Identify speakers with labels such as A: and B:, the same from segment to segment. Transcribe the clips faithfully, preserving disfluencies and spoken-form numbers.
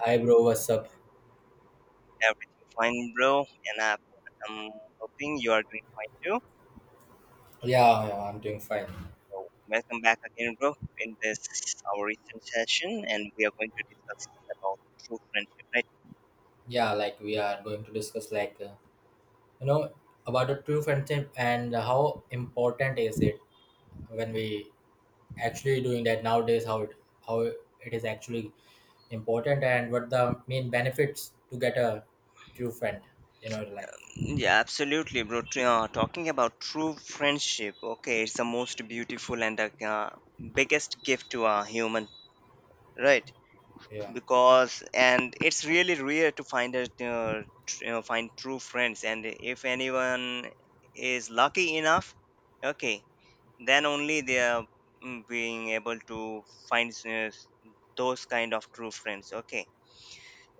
A: Hi bro, what's up?
B: Everything fine, bro? And I, I'm hoping you are doing fine too.
A: Yeah, yeah, I'm doing fine.
B: So, welcome back again, bro, in this our recent session, and we are going to discuss about true friendship, right?
A: Yeah, like we are going to discuss like uh, you know about a true friendship and how important is it when we actually doing that nowadays. How it how it is actually important and what the main benefits to get a true friend in our life.
B: Yeah, absolutely, bro. Tr- Uh, talking about true friendship, okay, it's the most beautiful and the uh, biggest gift to a human, right?
A: Yeah,
B: Because and it's really rare to find a uh, tr- uh, find true friends, and if anyone is lucky enough, okay, then only they are mm, being able to find s- those kind of true friends, okay.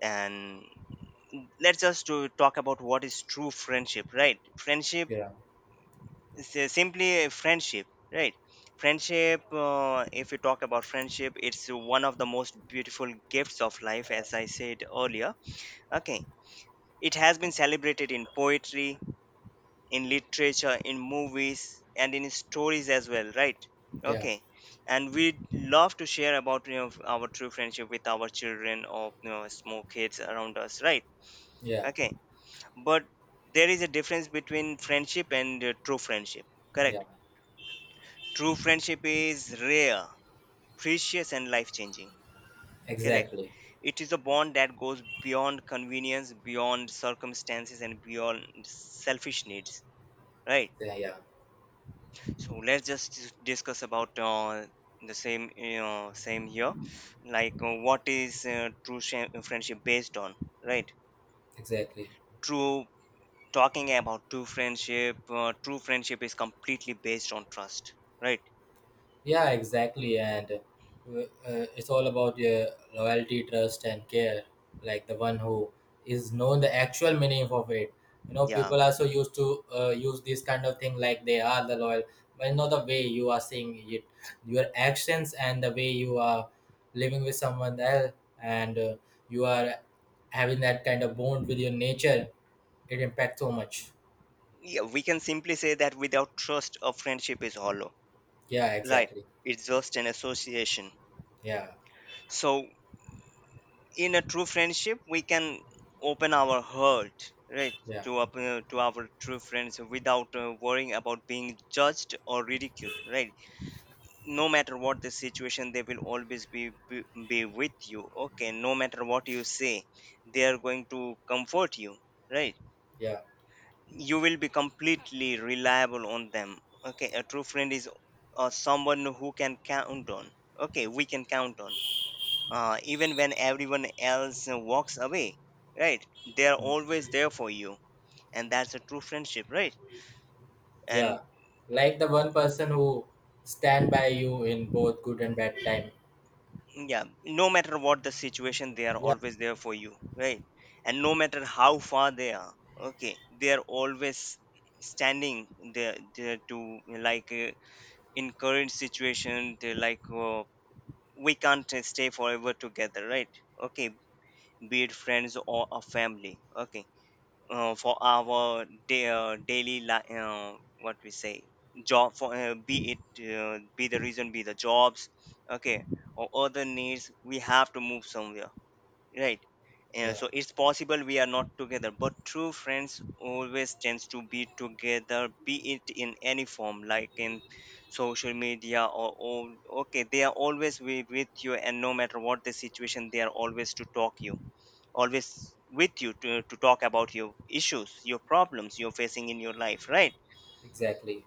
B: And let's just to talk about what is true friendship, right? Friendship
A: yeah,
B: is uh, simply a friendship, right? Friendship, uh, if you talk about friendship, it's one of the most beautiful gifts of life, as I said earlier, okay. It has been celebrated in poetry, in literature, in movies, and in stories as well, right?
A: yeah,
B: Okay, and we'd love to share about, you know, our true friendship with our children, or, you know, small kids around us, right?
A: yeah,
B: Okay, but there is a difference between friendship and uh, true friendship,
A: yeah.
B: correct? True friendship is rare, precious, and life changing, correct.
A: Exactly.
B: It is a bond that goes beyond convenience, beyond circumstances, and beyond selfish needs, right?
A: Yeah, yeah,
B: So let's just dis- discuss about uh, the same, you know, same here, like uh, what is uh, true sh- friendship based on, right?
A: exactly.
B: True, talking about true friendship, uh, true friendship is completely based on trust, right?
A: Yeah, exactly. And uh, uh, it's all about your loyalty, trust, and care. Like the one who is known the actual meaning of it. You know,
B: yeah
A: people are so used to uh, use this kind of thing like they are the loyal, but not the way you are seeing it. Your actions and the way you are living with someone else, and uh, you are having that kind of bond with your nature. It impacts so much.
B: yeah we can simply say that without trust a friendship is hollow,
A: Yeah,
B: right?
A: exactly.
B: It's just an association.
A: Yeah,
B: So in a true friendship we can open our heart, right,
A: yeah,
B: to up, uh, to our true friends without uh, worrying about being judged or ridiculed, right? No matter what the situation, they will always be, be be with you, okay. No matter what you say, they are going to comfort you, right?
A: yeah.
B: You will be completely reliable on them, okay. A true friend is uh, someone who can count on, okay, we can count on, uh, even when everyone else uh, walks away, right. They are always there for you, and that's a true friendship, right. And
A: Yeah, like the one person who stand by you in both good and bad time.
B: yeah, no matter what the situation, they are
A: Yeah,
B: always there for you, right. And no matter how far they are, okay, they are always standing there, there to, like, uh, in situation they, like, uh, we can't uh, stay forever together, right, okay. Be it friends or a family, okay, uh, for our day, uh, daily li- uh, what we say, job for uh, be it uh, be the reason, be the jobs, okay, or other needs, we have to move somewhere, right. And
A: yeah,
B: so it's possible we are not together, but true friends always tends to be together, be it in any form, like in social media, or, or okay, they are always with, with you, and no matter what the situation they are always to talk you, always with you to, to talk about your issues, your problems you're facing in your life, right.
A: exactly.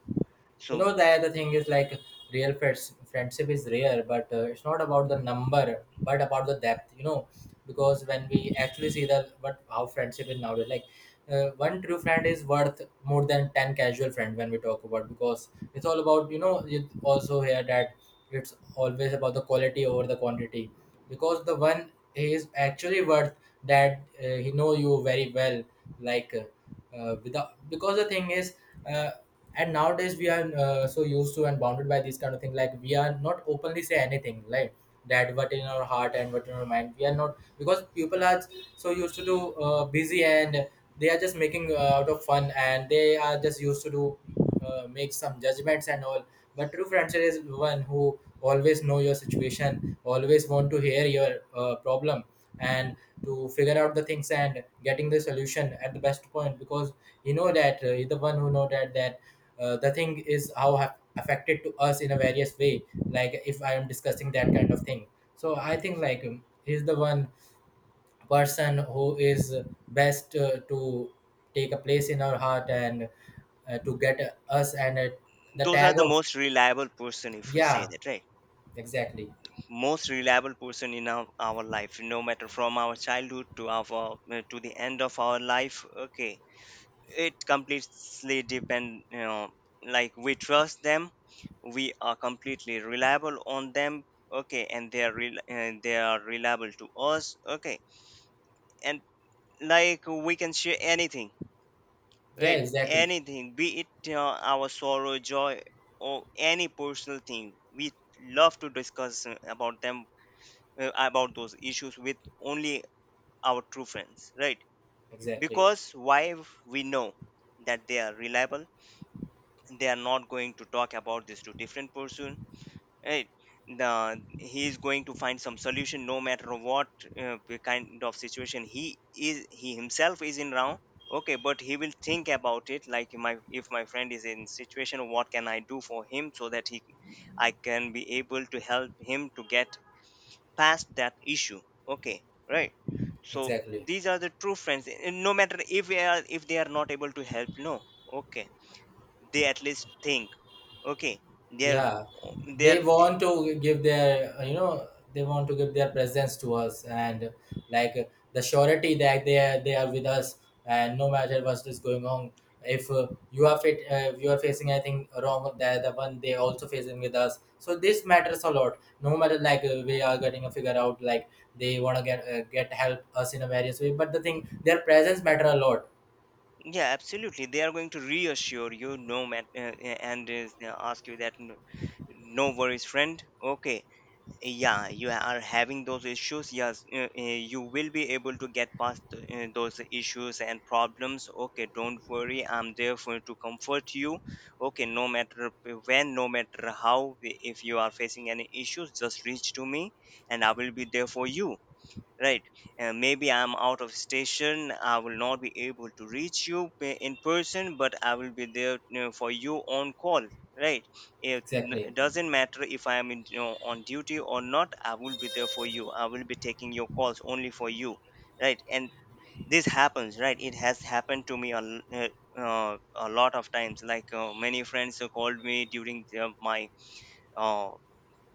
A: You
B: So
A: know, the other thing is like real friends friendship is rare but uh, it's not about the number but about the depth, you know, because when we actually see the what how friendship is nowadays, like uh, one true friend is worth more than ten casual friend when we talk about, because it's all about, you know, you also hear that it's always about the quality over the quantity, because the one he is actually worth that, uh, he know you very well, like uh, uh, without, because the thing is, uh, and nowadays we are uh, so used to and bounded by these kind of thing, like we are not openly say anything like that, what in our heart and what in our mind we are not, because people are so used to do uh, busy and they are just making uh, out of fun and they are just used to do uh, make some judgments and all. But true friendship is one who always know your situation, always want to hear your uh, problem and to figure out the things and getting the solution at the best point, because you know that uh, you're the one who know that that uh, the thing is how have affected to us in a various way. Like if I am discussing that kind of thing, so I think like um, he's the one person who is best uh, to take a place in our heart and uh, to get us and uh, the
B: those are
A: tag
B: the
A: of.
B: most reliable person, if we say
A: Yeah,
B: that, right.
A: exactly.
B: Most reliable person in our, our life, no matter from our childhood to our uh, to the end of our life, okay. It completely depend, you know, like we trust them, we are completely reliable on them, okay, and they are rel- and they are reliable to us, okay. And like we can share anything.
A: Yeah,
B: Right,
A: exactly.
B: anything, be it uh, our sorrow, joy, or any personal thing, we love to discuss uh, about them, uh, about those issues with only our true friends, right?
A: Exactly.
B: Because why, we know that they are reliable, they are not going to talk about this to different person, right. The, he is going to find some solution, no matter what uh, p- kind of situation he is he himself is in now, okay. But he will think about it like, my, if my friend is in situation, what can I do for him, so that he I can be able to help him to get past that issue, okay, right. So
A: Exactly.
B: these are the true friends, and no matter if they are, if they are not able to help, no, okay, they at least think, okay, they're
A: Yeah, they
B: they're
A: want to give their, you know, they want to give their presence to us, and like the surety that they are they are with us, and no matter what is going on, if uh, you are fit uh, if you are facing anything wrong, they're the one, they also facing with us, so this matters a lot. No matter like uh, we are getting a figure out, like they want to get uh, get help us in a various way, but the thing, their presence matter a lot.
B: yeah, absolutely, they are going to reassure you. No man, uh, uh, and uh, ask you that, "N- No worries, friend, okay. Yeah, you are having those issues, yes, uh, uh, you will be able to get past uh, those issues and problems, okay. Don't worry, I'm there for to comfort you, okay. No matter when, no matter how, if you are facing any issues, just reach to me, and I will be there for you, right. Uh, maybe I'm out of station, I will not be able to reach you pe- in person, but I will be there, you know, for you on call, right. It n-
A: Exactly.
B: it doesn't matter if I am in, you know, on duty or not, I will be there for you, I will be taking your calls only for you, right. And this happens, right, it has happened to me a, l- uh, uh, a lot of times, like uh, many friends uh, called me during the, my uh,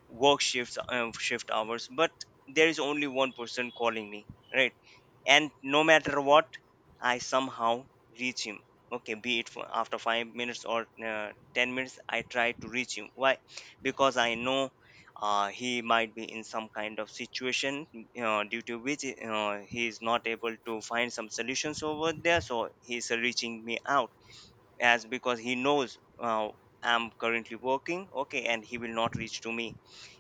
B: work shifts uh, shift hours, but there is only one person calling me, right. And no matter what, I somehow reach him, okay, be it for after five minutes or uh, ten minutes I try to reach him. Why? Because I know, uh, he might be in some kind of situation, uh, due to which uh, he is not able to find some solutions over there, so he's reaching me out, as because he knows, uh, I'm currently working, okay, and he will not reach to me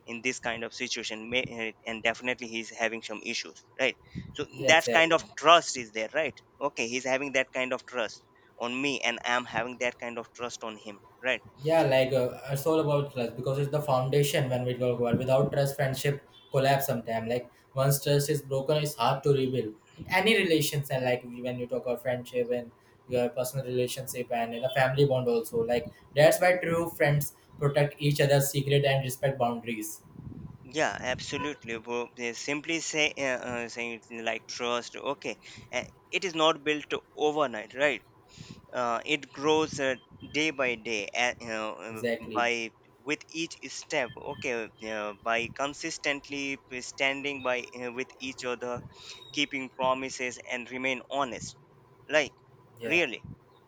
B: in this kind of situation may, eh, and definitely he's having some issues, right. So
A: Yeah,
B: that kind
A: exactly.
B: of trust is there, right, okay, he's having that kind of trust on me, and I'm having that kind of trust on him, right.
A: Yeah, like uh, it's all about trust, because it's the foundation when we talk about. Without trust, friendship collapse sometime. Like once trust is broken, it's hard to rebuild in any relations. And like when you talk about friendship and your personal relationship and in a family bond also, like that's why true friends protect each other's secret and respect boundaries.
B: Yeah, absolutely. Wo- they simply say, uh, uh, saying it like, trust, okay, eh, it is not built overnight, right. Uh, it grows, uh, day by day, uh, you know, uh,
A: Exactly.
B: by with each step, okay, uh, by consistently standing by uh, with each other, keeping promises and remain honest, like
A: Yeah.
B: really,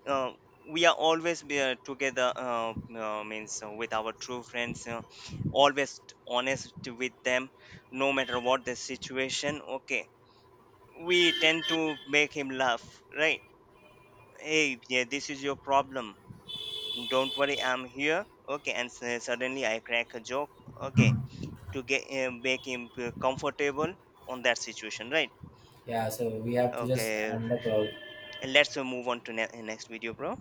B: uh, we are always be, uh, together, uh, uh, means uh, with our true friends, uh, always honest with them, no matter what the situation, okay. We tend to make him laugh, right. Hey yeah, this is your problem, don't worry, I'm here, okay. And s- suddenly I crack a joke, okay, to get him make him feel comfortable on that situation, right.
A: Yeah. So we have to just
B: Okay,
A: end the call.
B: let's uh, move on to ne- next video, bro.